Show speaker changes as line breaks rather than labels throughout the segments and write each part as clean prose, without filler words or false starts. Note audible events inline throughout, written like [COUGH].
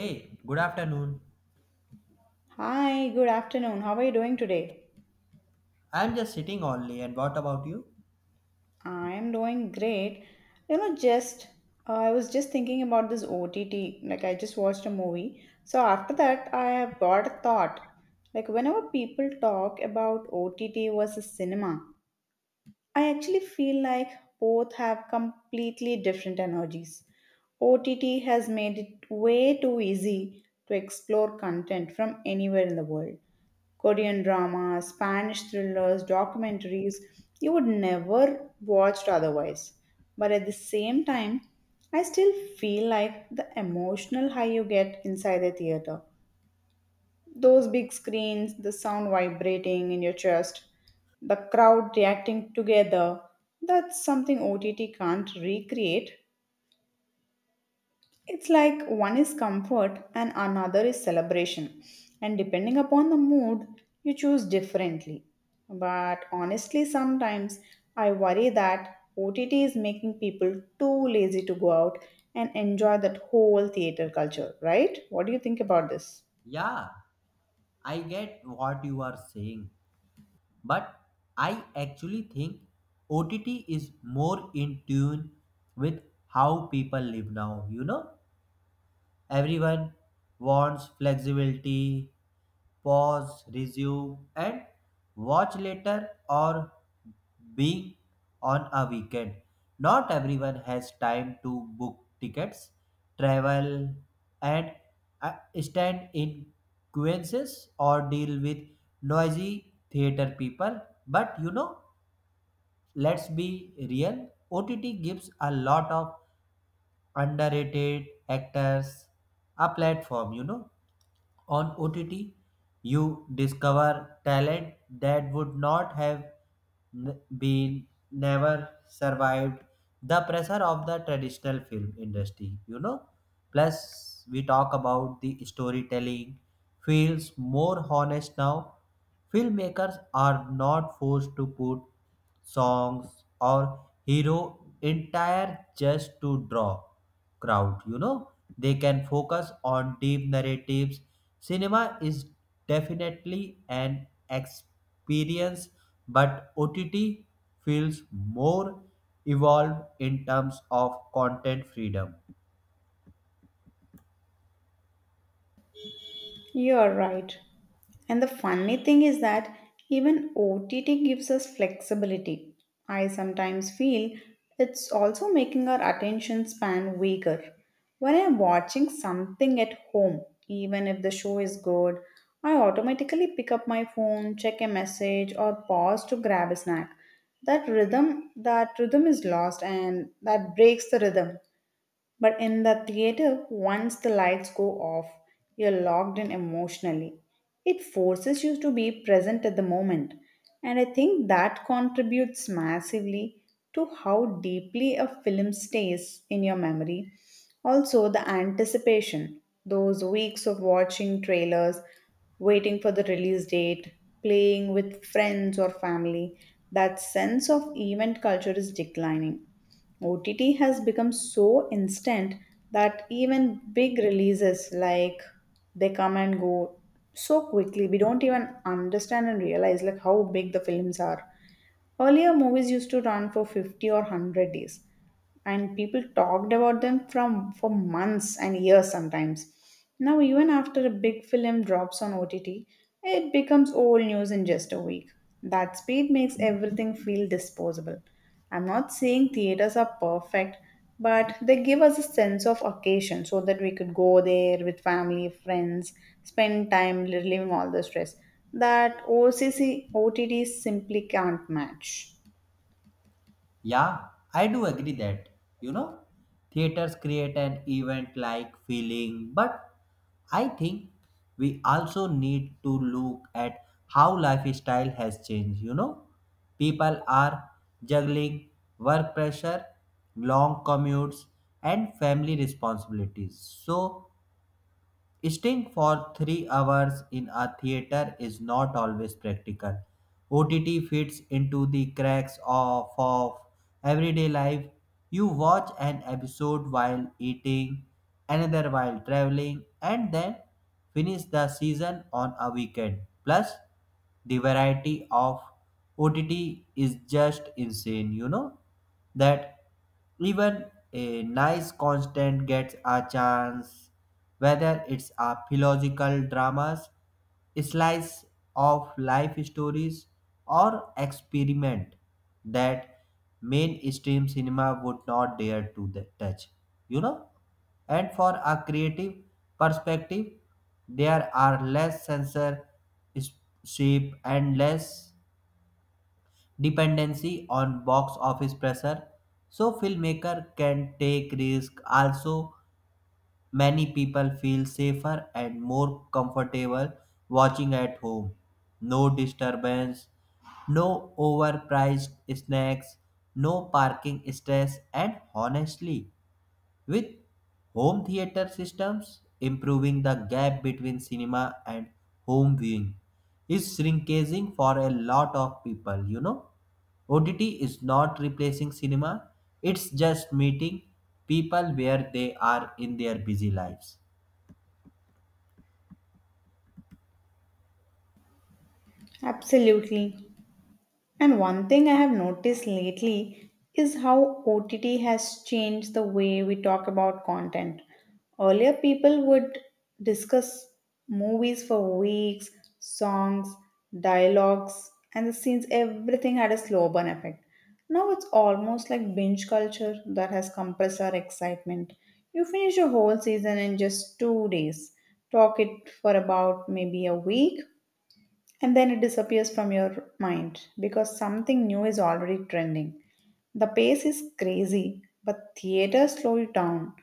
Hey, good afternoon.
Hi, good afternoon. How are you doing today?
I'm just sitting only, and what about you?
I am doing great. You know, just I was just thinking about this OTT. Like, I just watched a movie. So, after that, I have got a thought. Like, whenever people talk about OTT versus cinema, I actually feel like both have completely different energies. OTT has made it way too easy to explore content from anywhere in the world Korean dramas, Spanish thrillers, documentaries you would never watched otherwise. But at the same time, I still feel like the emotional high you get inside the theater. Those big screens, the sound vibrating in your chest, the crowd reacting together, that's something OTT can't recreate. It's like one is comfort and another is celebration. And depending upon the mood, you choose differently. But honestly, sometimes I worry that OTT is making people too lazy to go out and enjoy that whole theater culture, right? What do you think about this?
Yeah, I get what you are saying, but I actually think OTT is more in tune with how people live now, you know? Everyone wants flexibility, pause, resume, and watch later or being on a weekend. Not everyone has time to book tickets, travel, and uh, stand in queues or deal with noisy theater people. But let's be real. OTT gives a lot of underrated actors a platform. On OTT, you discover talent that would not have been never survived the pressure of the traditional film industry. Plus, we talk about the storytelling feels more honest now. Filmmakers are not forced to put songs or hero entire just to draw crowd. They can focus on deep narratives. Cinema is definitely an experience, but OTT feels more evolved in terms of content freedom.
You're right. And the funny thing is that even OTT gives us flexibility. I sometimes feel it's also making our attention span weaker. When I'm watching something at home, even if the show is good, I automatically pick up my phone, check a message, or pause to grab a snack. That rhythm is lost and that breaks the rhythm. But in the theater, once the lights go off, you're locked in emotionally. It forces you to be present at the moment. And I think that contributes massively to how deeply a film stays in your memory. Also, the anticipation, those weeks of watching trailers, waiting for the release date, playing with friends or family, that sense of event culture is declining. OTT has become so instant that even big releases like they come and go so quickly. We don't even understand and realize like how big the films are. Earlier movies used to run for 50 or 100 days, and people talked about them from for months and years sometimes. Now even after a big film drops on OTT, it becomes old news in just a week. That speed makes everything feel disposable. I'm not saying theaters are perfect, but they give us a sense of occasion so that we could go there with family friends, spend time relieving all the stress that occ OTT simply can't match.
Yeah, I do agree that, you know, theaters create an event like feeling, but I think we also need to look at how lifestyle has changed. People are juggling work pressure, long commutes, and family responsibilities. So, staying for 3 hours in a theater is not always practical. OTT fits into the cracks of everyday life. You watch an episode while eating, another while traveling, and then finish the season on a weekend. Plus, the variety of OTT is just insane, you know that even a nice constant gets a chance, whether it's a philosophical dramas, slice of life stories, or experiment that mainstream cinema would not dare to touch. You know, and for a creative perspective, there are less censor, shape, and less dependency on box office pressure. So filmmaker can take risk. Also, many people feel safer and more comfortable watching at home. No disturbance, no overpriced snacks, no parking stress. And honestly, with home theater systems improving, the gap between cinema and home viewing is shrinking for a lot of people. OTT is not replacing cinema, it's just meeting people where they are in their busy lives.
Absolutely. And one thing I have noticed lately is how OTT has changed the way we talk about content. Earlier, people would discuss movies for weeks, songs, dialogues, and the scenes, everything had a slow burn effect. Now it's almost like binge culture that has compressed our excitement. You finish a whole season in just two days, talk it for about maybe a week, and then it disappears from your mind because something new is already trending. The pace is crazy, but theaters slow you down.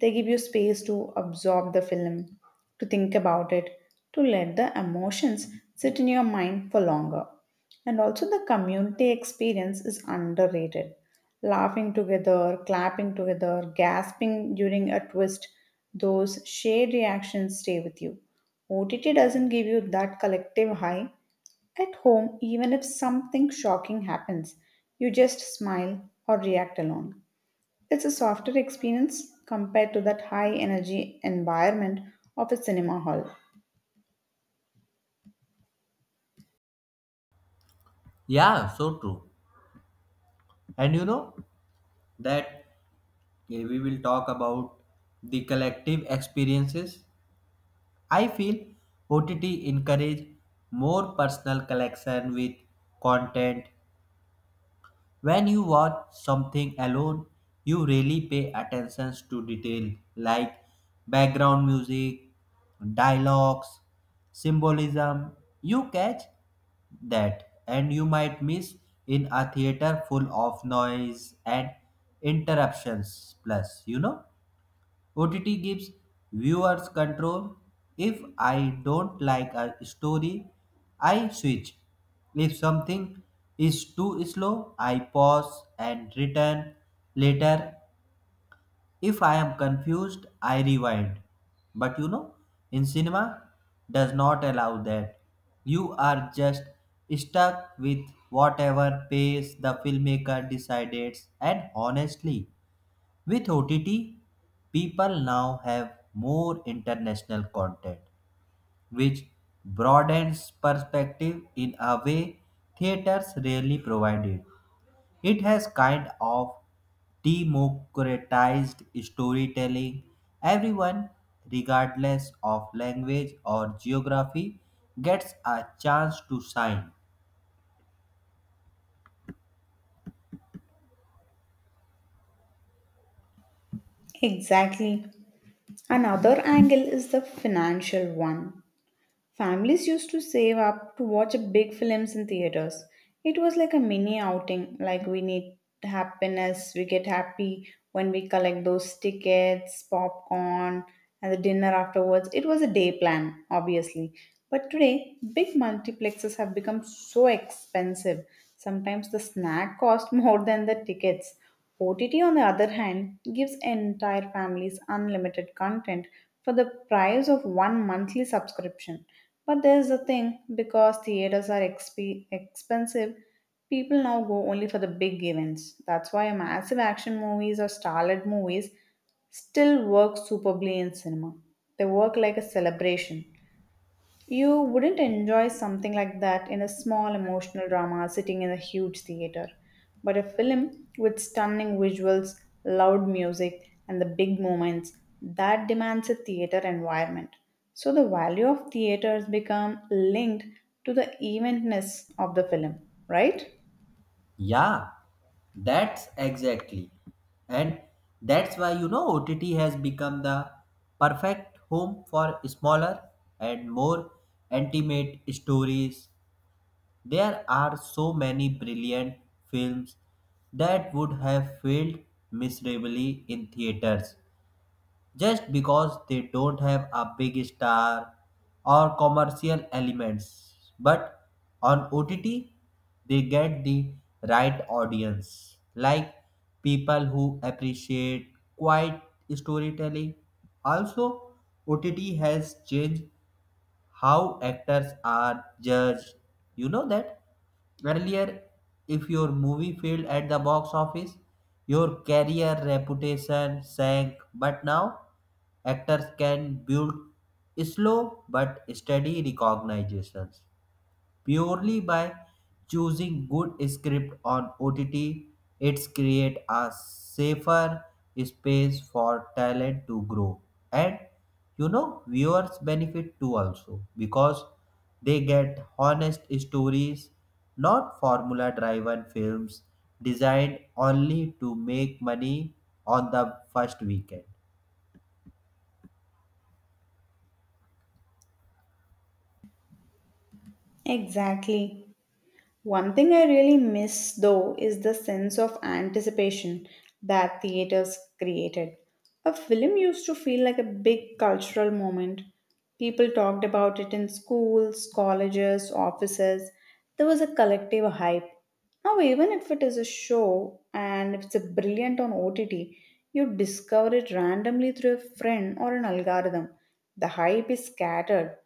They give you space to absorb the film, to think about it, to let the emotions sit in your mind for longer. And also, the community experience is underrated. Laughing together, clapping together, gasping during a twist, those shared reactions stay with you. OTT doesn't give you that collective high, at home, even if something shocking happens, you just smile or react alone. It's a softer experience compared to that high energy environment of a cinema hall.
Yeah, so true. And you know that we will talk about the collective experiences. I feel OTT encourage more personal collection with content. When you watch something alone, you really pay attention to detail like background music, dialogues, symbolism. You catch that and you might miss in a theater full of noise and interruptions. Plus, OTT gives viewers control. If I don't like a story, I switch. If something is too slow, I pause and return later. If I am confused, I rewind. But in cinema does not allow that. You are just stuck with whatever pace the filmmaker decided. And honestly, with OTT, people now have more international content, which broadens perspective in a way theaters rarely provided. It has kind of democratized storytelling. Everyone, regardless of language or geography, gets a chance to shine.
Exactly. Another angle is the financial one. Families used to save up to watch big films in theaters. It was like a mini outing, like we need happiness, we get happy when we collect those tickets, popcorn, and the dinner afterwards. It was a day plan, obviously. But today, big multiplexes have become so expensive. Sometimes the snack cost [LAUGHS] more than the tickets. OTT, on the other hand, gives entire families unlimited content for the price of one monthly subscription. But there's a thing because theaters are expensive, people now go only for the big events. That's why massive action movies or starlet movies still work superbly in cinema. They work like a celebration. You wouldn't enjoy something like that in a small emotional drama sitting in a huge theater. But a film with stunning visuals, loud music, and the big moments that demands a theater environment. So the value of theaters become linked to the eventness of the film, right?
Yeah, that's exactly. And that's why OTT has become the perfect home for smaller and more intimate stories. There are so many brilliant films that would have failed miserably in theaters just because they don't have a big star or commercial elements. But on OTT, they get the right audience, like people who appreciate quiet storytelling. Also, OTT has changed how actors are judged. You know that? Earlier, if your movie failed at the box office, your career reputation sank. But now, actors can build slow but steady recognitions purely by choosing good script on OTT. It's create a safer space for talent to grow, and viewers benefit too also because they get honest stories, not formula-driven films designed only to make money on the first weekend.
Exactly. One thing I really miss though is the sense of anticipation that theaters created. A film used to feel like a big cultural moment. People talked about it in schools, colleges, offices. There was a collective hype. Now, even if it is a show and if it's a brilliant on OTT, you discover it randomly through a friend or an algorithm. The hype is scattered,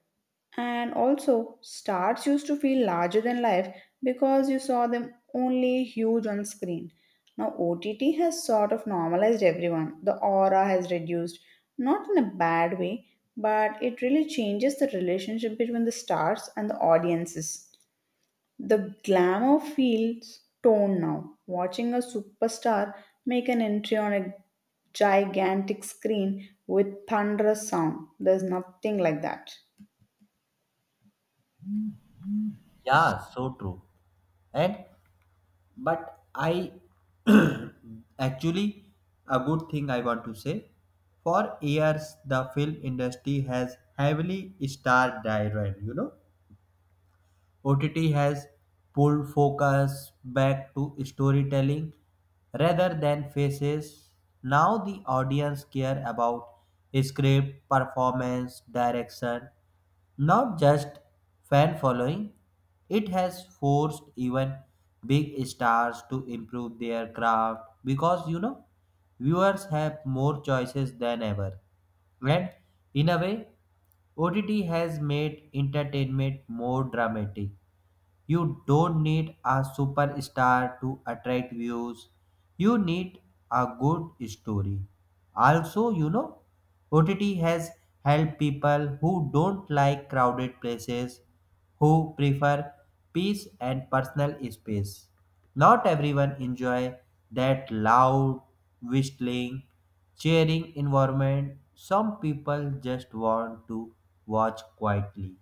and also, stars used to feel larger than life because you saw them only huge on screen. Now, OTT has sort of normalized everyone. The aura has reduced, not in a bad way, but it really changes the relationship between the stars and the audiences. The glamour feels toned now. Watching a superstar make an entry on a gigantic screen with thunderous sound, there's nothing like that.
Yeah, so true. And but I, [CLEARS THROAT] actually, a good thing I want to say: for years the film industry has heavily star driven. OTT has pulled focus back to storytelling rather than faces. Now the audience care about script performance direction, not just fan following. It has forced even big stars to improve their craft because viewers have more choices than ever. And in a way, OTT has made entertainment more dramatic. You don't need a superstar to attract views. You need a good story. Also, OTT has helped people who don't like crowded places, who prefer peace and personal space. Not everyone enjoy that loud, whistling, cheering environment. Some people just want to watch quietly.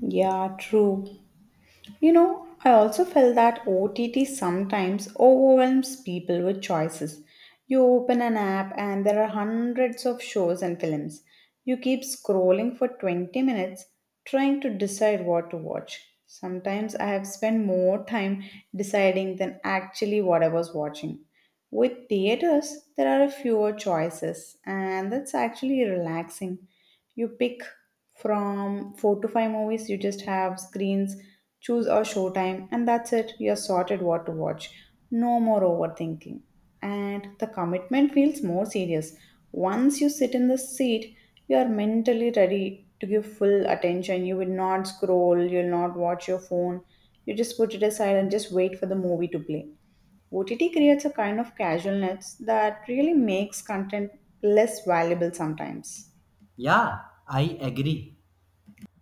Yeah, true. You know, I also felt that OTT sometimes overwhelms people with choices. You open an app and there are hundreds of shows and films. You keep scrolling for 20 minutes trying to decide what to watch. Sometimes I have spent more time deciding than actually what I was watching. With theaters, there are fewer choices, and that's actually relaxing. You pick from four to five movies, you just have screens, choose a showtime, and that's it. You're sorted what to watch. No more overthinking. And the commitment feels more serious. Once you sit in the seat, you are mentally ready to give full attention. You will not scroll, you will not watch your phone. You just put it aside and just wait for the movie to play. OTT creates a kind of casualness that really makes content less valuable sometimes.
Yeah, I agree.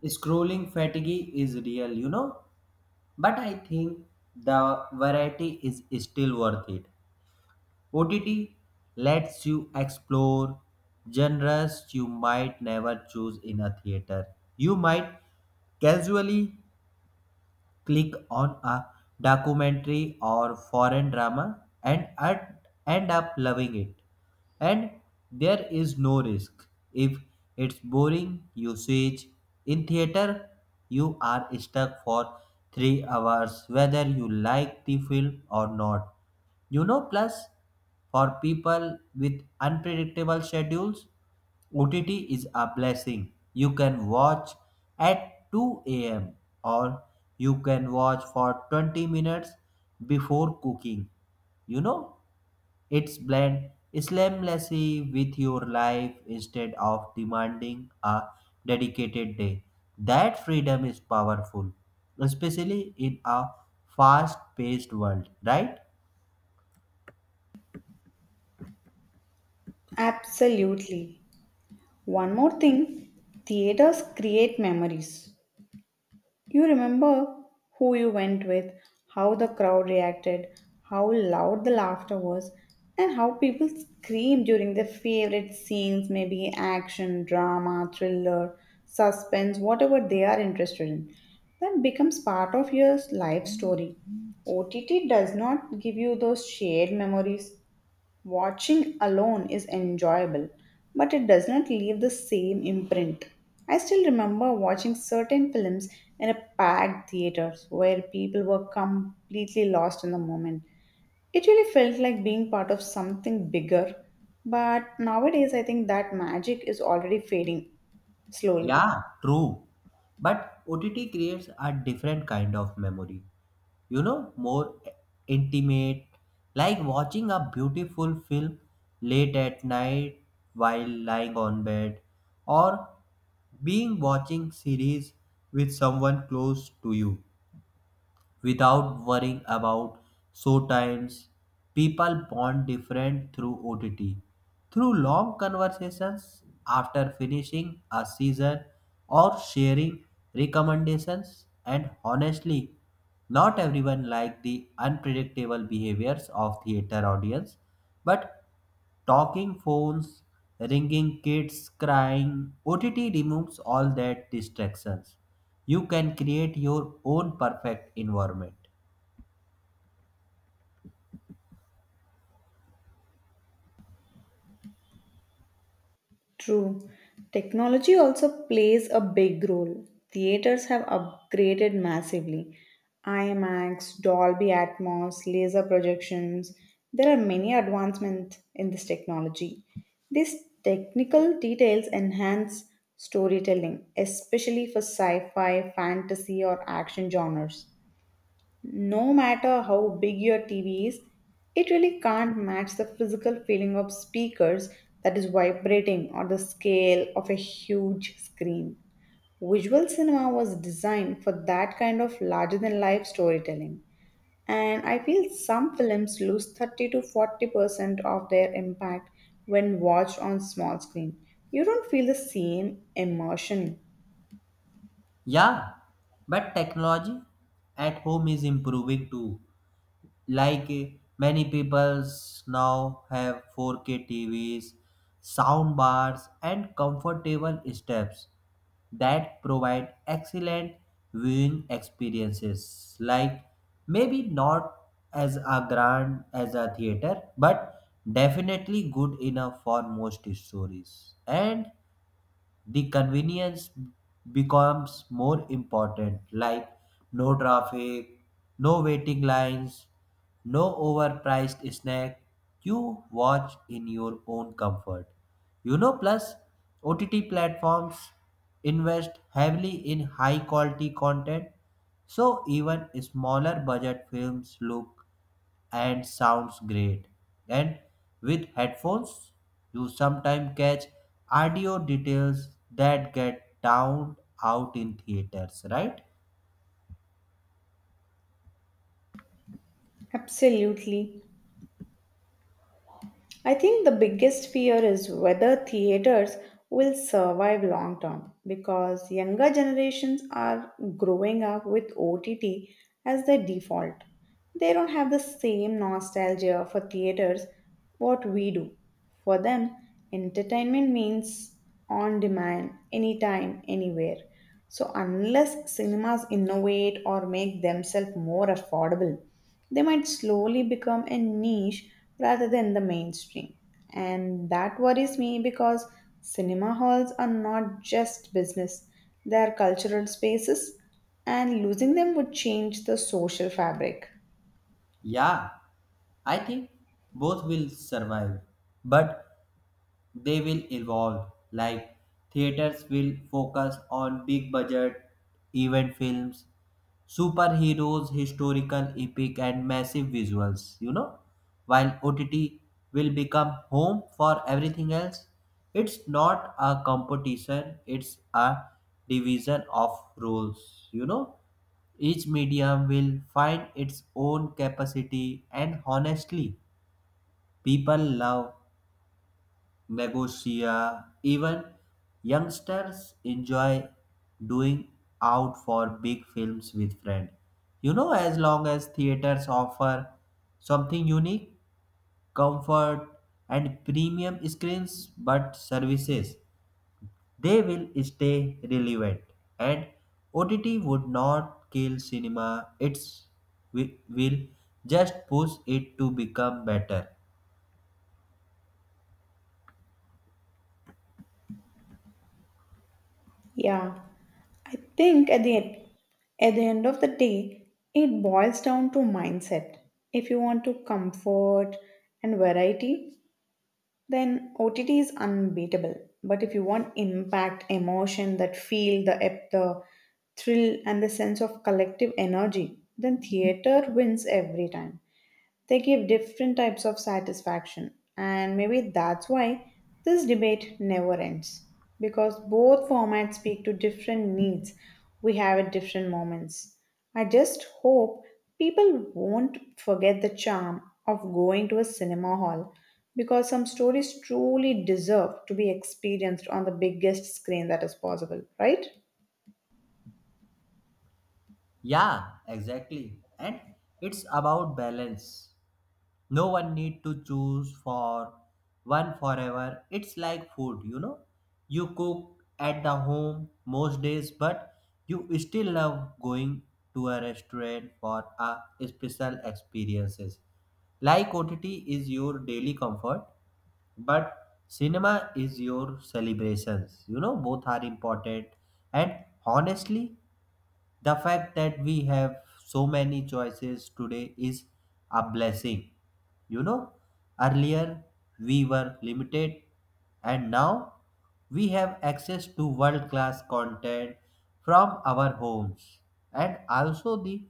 Scrolling fatigue is real, but I think the variety is still worth it. OTT lets you explore genres you might never choose in a theater. You might casually click on a documentary or foreign drama and end up loving it. And there is no risk. If it's boring, you switch. In theater, you are stuck for 3 hours whether you like the film or not. Plus, for people with unpredictable schedules, OTT is a blessing. You can watch at 2 a.m. or you can watch for 20 minutes before cooking. You know, it's blend seamlessly with your life instead of demanding a dedicated day. That freedom is powerful, especially in a fast paced world, right?
Absolutely. One more thing theaters create memories. You remember who you went with, how the crowd reacted, how loud the laughter was, and how people screamed during their favorite scenes maybe action, drama, thriller, suspense, whatever they are interested in. That becomes part of your life story. OTT does not give you those shared memories. Watching alone is enjoyable, but it does not leave the same imprint. I still remember watching certain films in a packed theater where people were completely lost in the moment. It really felt like being part of something bigger, but nowadays I think that magic is already fading slowly.
Yeah, true. But OTT creates a different kind of memory. More intimate, like watching a beautiful film late at night while lying on bed or being watching series with someone close to you without worrying about show times. People bond different through OTT, through long conversations after finishing a season or sharing recommendations. And honestly, not everyone like the unpredictable behaviors of theater audience. But talking phones, ringing kids crying, OTT removes all that distractions. You can create your own perfect environment.
True. Technology also plays a big role. Theaters have upgraded massively. IMAX, Dolby Atmos, laser projections. There are many advancements in this technology. These technical details enhance storytelling, especially for sci fi, fantasy, or action genres. No matter how big your TV is, it really can't match the physical feeling of speakers that is vibrating or the scale of a huge screen. Visual cinema was designed for that kind of larger than life storytelling. And I feel some films lose 30 to 40% of their impact when watched on small screen. You don't feel the same emotion.
Yeah, but technology at home is improving too. Like, many peoples now have 4K TVs, sound bars, and comfortable steps that provide excellent viewing experiences. Like maybe not as a grand as a theater, but definitely good enough for most stories. And the convenience becomes more important, like no traffic, no waiting lines, no overpriced snack. You watch in your own comfort. Plus, OTT platforms invest heavily in high quality content, so even smaller budget films look and sounds great. And with headphones, you sometimes catch audio details that get downed out in theaters, right?
Absolutely. I think the biggest fear is whether theaters will survive long term because younger generations are growing up with OTT as their default. They don't have the same nostalgia for theaters what we do. For them, entertainment means on demand, anytime, anywhere. So unless cinemas innovate or make themselves more affordable, they might slowly become a niche rather than the mainstream. And that worries me because cinema halls are not just business, they are cultural spaces, and losing them would change the social fabric.
Yeah, I think both will survive. But they will evolve, like theaters will focus on big budget event films, superheroes, historical epic, and massive visuals, while OTT will become home for everything else. It's not a competition, it's a division of roles. Each medium will find its own capacity, and honestly, people love Megosia. Even youngsters enjoy doing out for big films with friends. As long as theaters offer something unique, comfort, and premium screens but services, they will stay relevant. And OTT would not kill cinema, it will just push it to become better.
Yeah, I think at the end of the day, it boils down to mindset. If you want to comfort and variety, then OTT is unbeatable. But if you want impact, emotion, that feel, the the thrill, and the sense of collective energy, then theater wins every time. They give different types of satisfaction, and maybe that's why this debate never ends because both formats speak to different needs we have at different moments. I just hope people won't forget the charm of going to a cinema hall because some stories truly deserve to be experienced on the biggest screen that is possible, right?
Yeah, exactly. And it's about balance. No one need to choose for one forever. It's like food, you know. You cook at the home most days, but you still love going to a restaurant for a special experiences. Like OTT is your daily comfort, but cinema is your celebrations. Both are important. And honestly, the fact that we have so many choices today is a blessing. You know, earlier we were limited and now we have access to world class content from our homes, and also the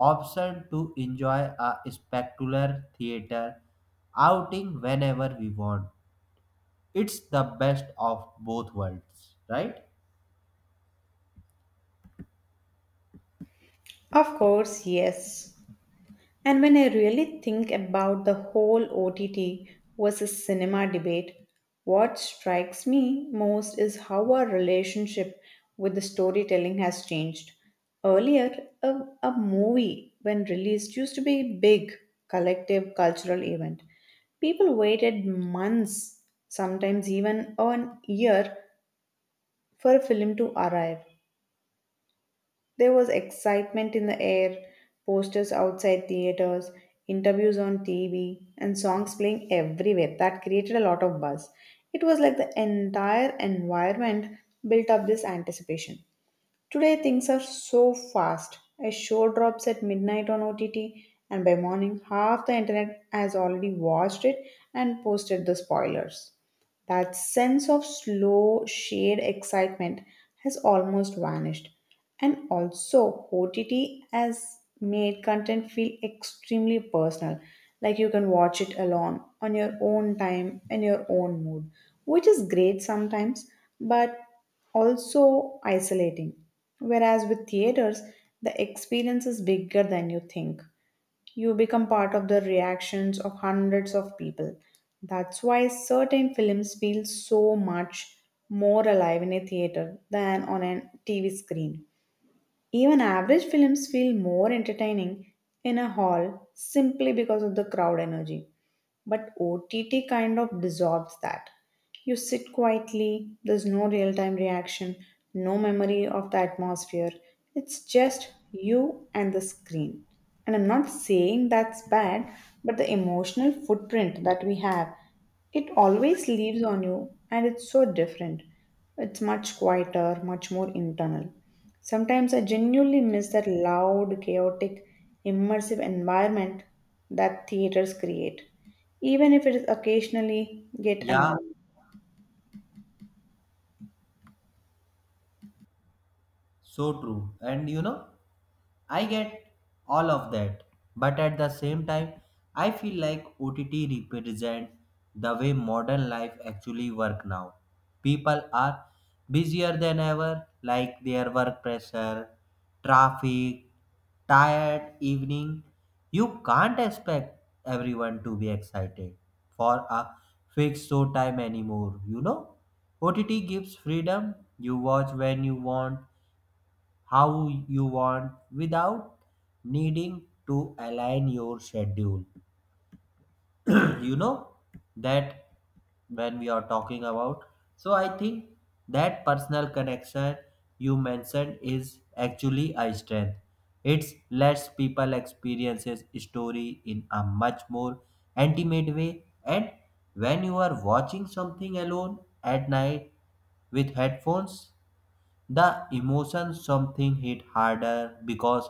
option to enjoy a spectacular theater outing whenever we want. It's the best of both worlds, right?
Of course, yes. And when I really think about the whole OTT versus cinema debate, what strikes me most is how our relationship with the storytelling has changed. Earlier, a, a movie, when released, used to be a big collective cultural event. People waited months, sometimes even an year, for a film to arrive. There was excitement in the air, posters outside theaters, interviews on TV, and songs playing everywhere. That created a lot of buzz. It was like the entire environment built up this anticipation. Today, things are so fast. A show drops at midnight on OTT, and by morning, half the internet has already watched it and posted the spoilers. That sense of slow, shared excitement has almost vanished. And also, OTT has made content feel extremely personal. Like you can watch it alone, on your own time, in your own mood, which is great sometimes, but also isolating. Whereas with theaters, the experience is bigger than you think you become part of the reactions of hundreds of people. That's why certain films feel so much more alive in a theater than on a TV screen. Even average films feel more entertaining in a hall simply because of the crowd energy. But OTT kind of dissolves that. You sit quietly, there's no real time reaction, no memory of the atmosphere. It's just you and the screen. And I'm not saying that's bad, but the emotional footprint that we have, it always leaves on you, and it's so different. It's much quieter, much more internal. Sometimes I genuinely miss that loud, chaotic, immersive environment that theaters create, even if it is occasionally get
Yeah,
annoying.
so true. And I get all of that, but at the same time, I feel like OTT represents the way modern life actually work now. People are busier than ever, like their work pressure, traffic, tired evening. You can't expect everyone to be excited for a fixed show time anymore. OTT gives freedom. You watch when you want, how you want without needing to align your schedule. [CLEARS THROAT] you know that when we are talking about So, I think that personal connection you mentioned is actually a strength. It's lets people experiences story in a much more intimate way. And when you are watching something alone at night with headphones, the emotions something hit harder because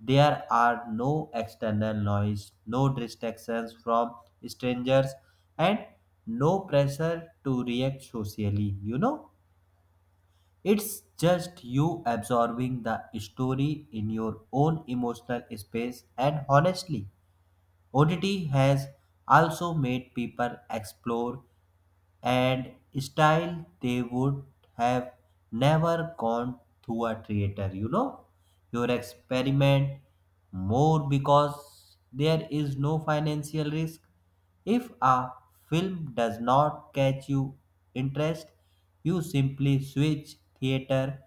there are no external noise, no distractions from strangers, and no pressure to react socially. It's just you absorbing the story in your own emotional space. And honestly, ODT has also made people explore and style they would have never gone through a theater. Your experiment more because there is no financial risk. If a film does not catch you interest, you simply switch. Theater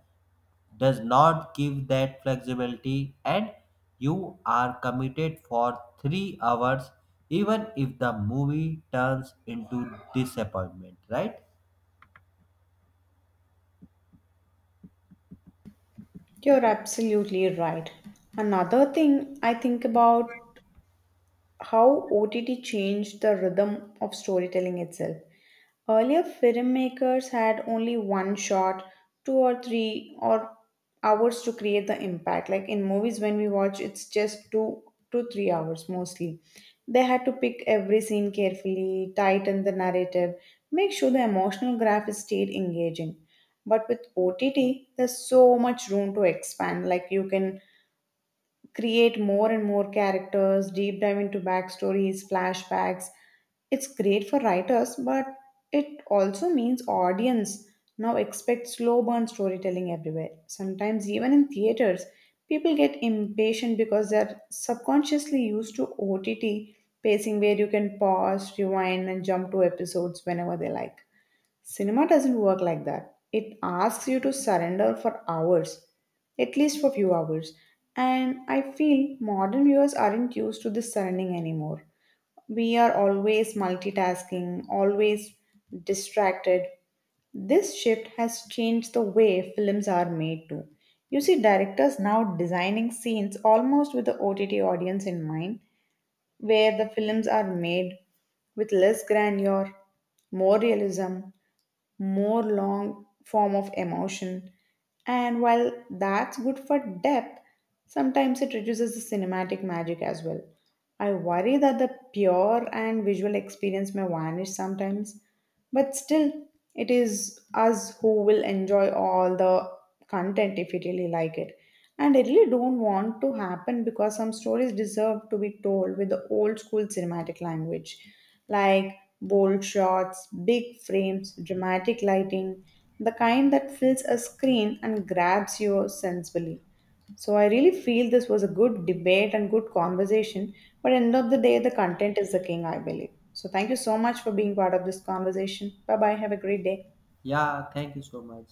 does not give that flexibility, and you are committed for 3 hours even if the movie turns into disappointment, right?
You're absolutely right. Another thing I think about how OTT changed the rhythm of storytelling itself. Earlier filmmakers had only one shot, two or three or hours to create the impact. Like in movies when we watch it's just two to three hours mostly. They had to pick every scene carefully, tighten the narrative, make sure the emotional graph stayed engaging. But with OTT, there's so much room to expand. Like you can create more and more characters, deep dive into backstories, flashbacks. It's great for writers, but it also means audience now expect slow burn storytelling everywhere. Sometimes even in theaters, people get impatient because they're subconsciously used to OTT pacing where you can pause, rewind and jump to episodes whenever they like. Cinema doesn't work like that. It asks you to surrender for hours, at least for few hours. And I feel modern viewers aren't used to this surrendering anymore. We are always multitasking, always distracted. This shift has changed the way films are made too. You see directors now designing scenes almost with the OTT audience in mind, where the films are made with less grandeur, more realism, more long form of emotion. And while that's good for depth, sometimes it reduces the cinematic magic as well. I worry that the pure and visual experience may vanish sometimes, but still, it is us who will enjoy all the content if you really like it. And I really don't want to happen because some stories deserve to be told with the old school cinematic language, like bold shots, big frames, dramatic lighting, the kind that fills a screen and grabs you sensibly. So I really feel this was a good debate and good conversation. But end of the day, the content is the king, I believe. So thank you so much for being part of this conversation. Bye bye. Have a great day.
Yeah, thank you so much.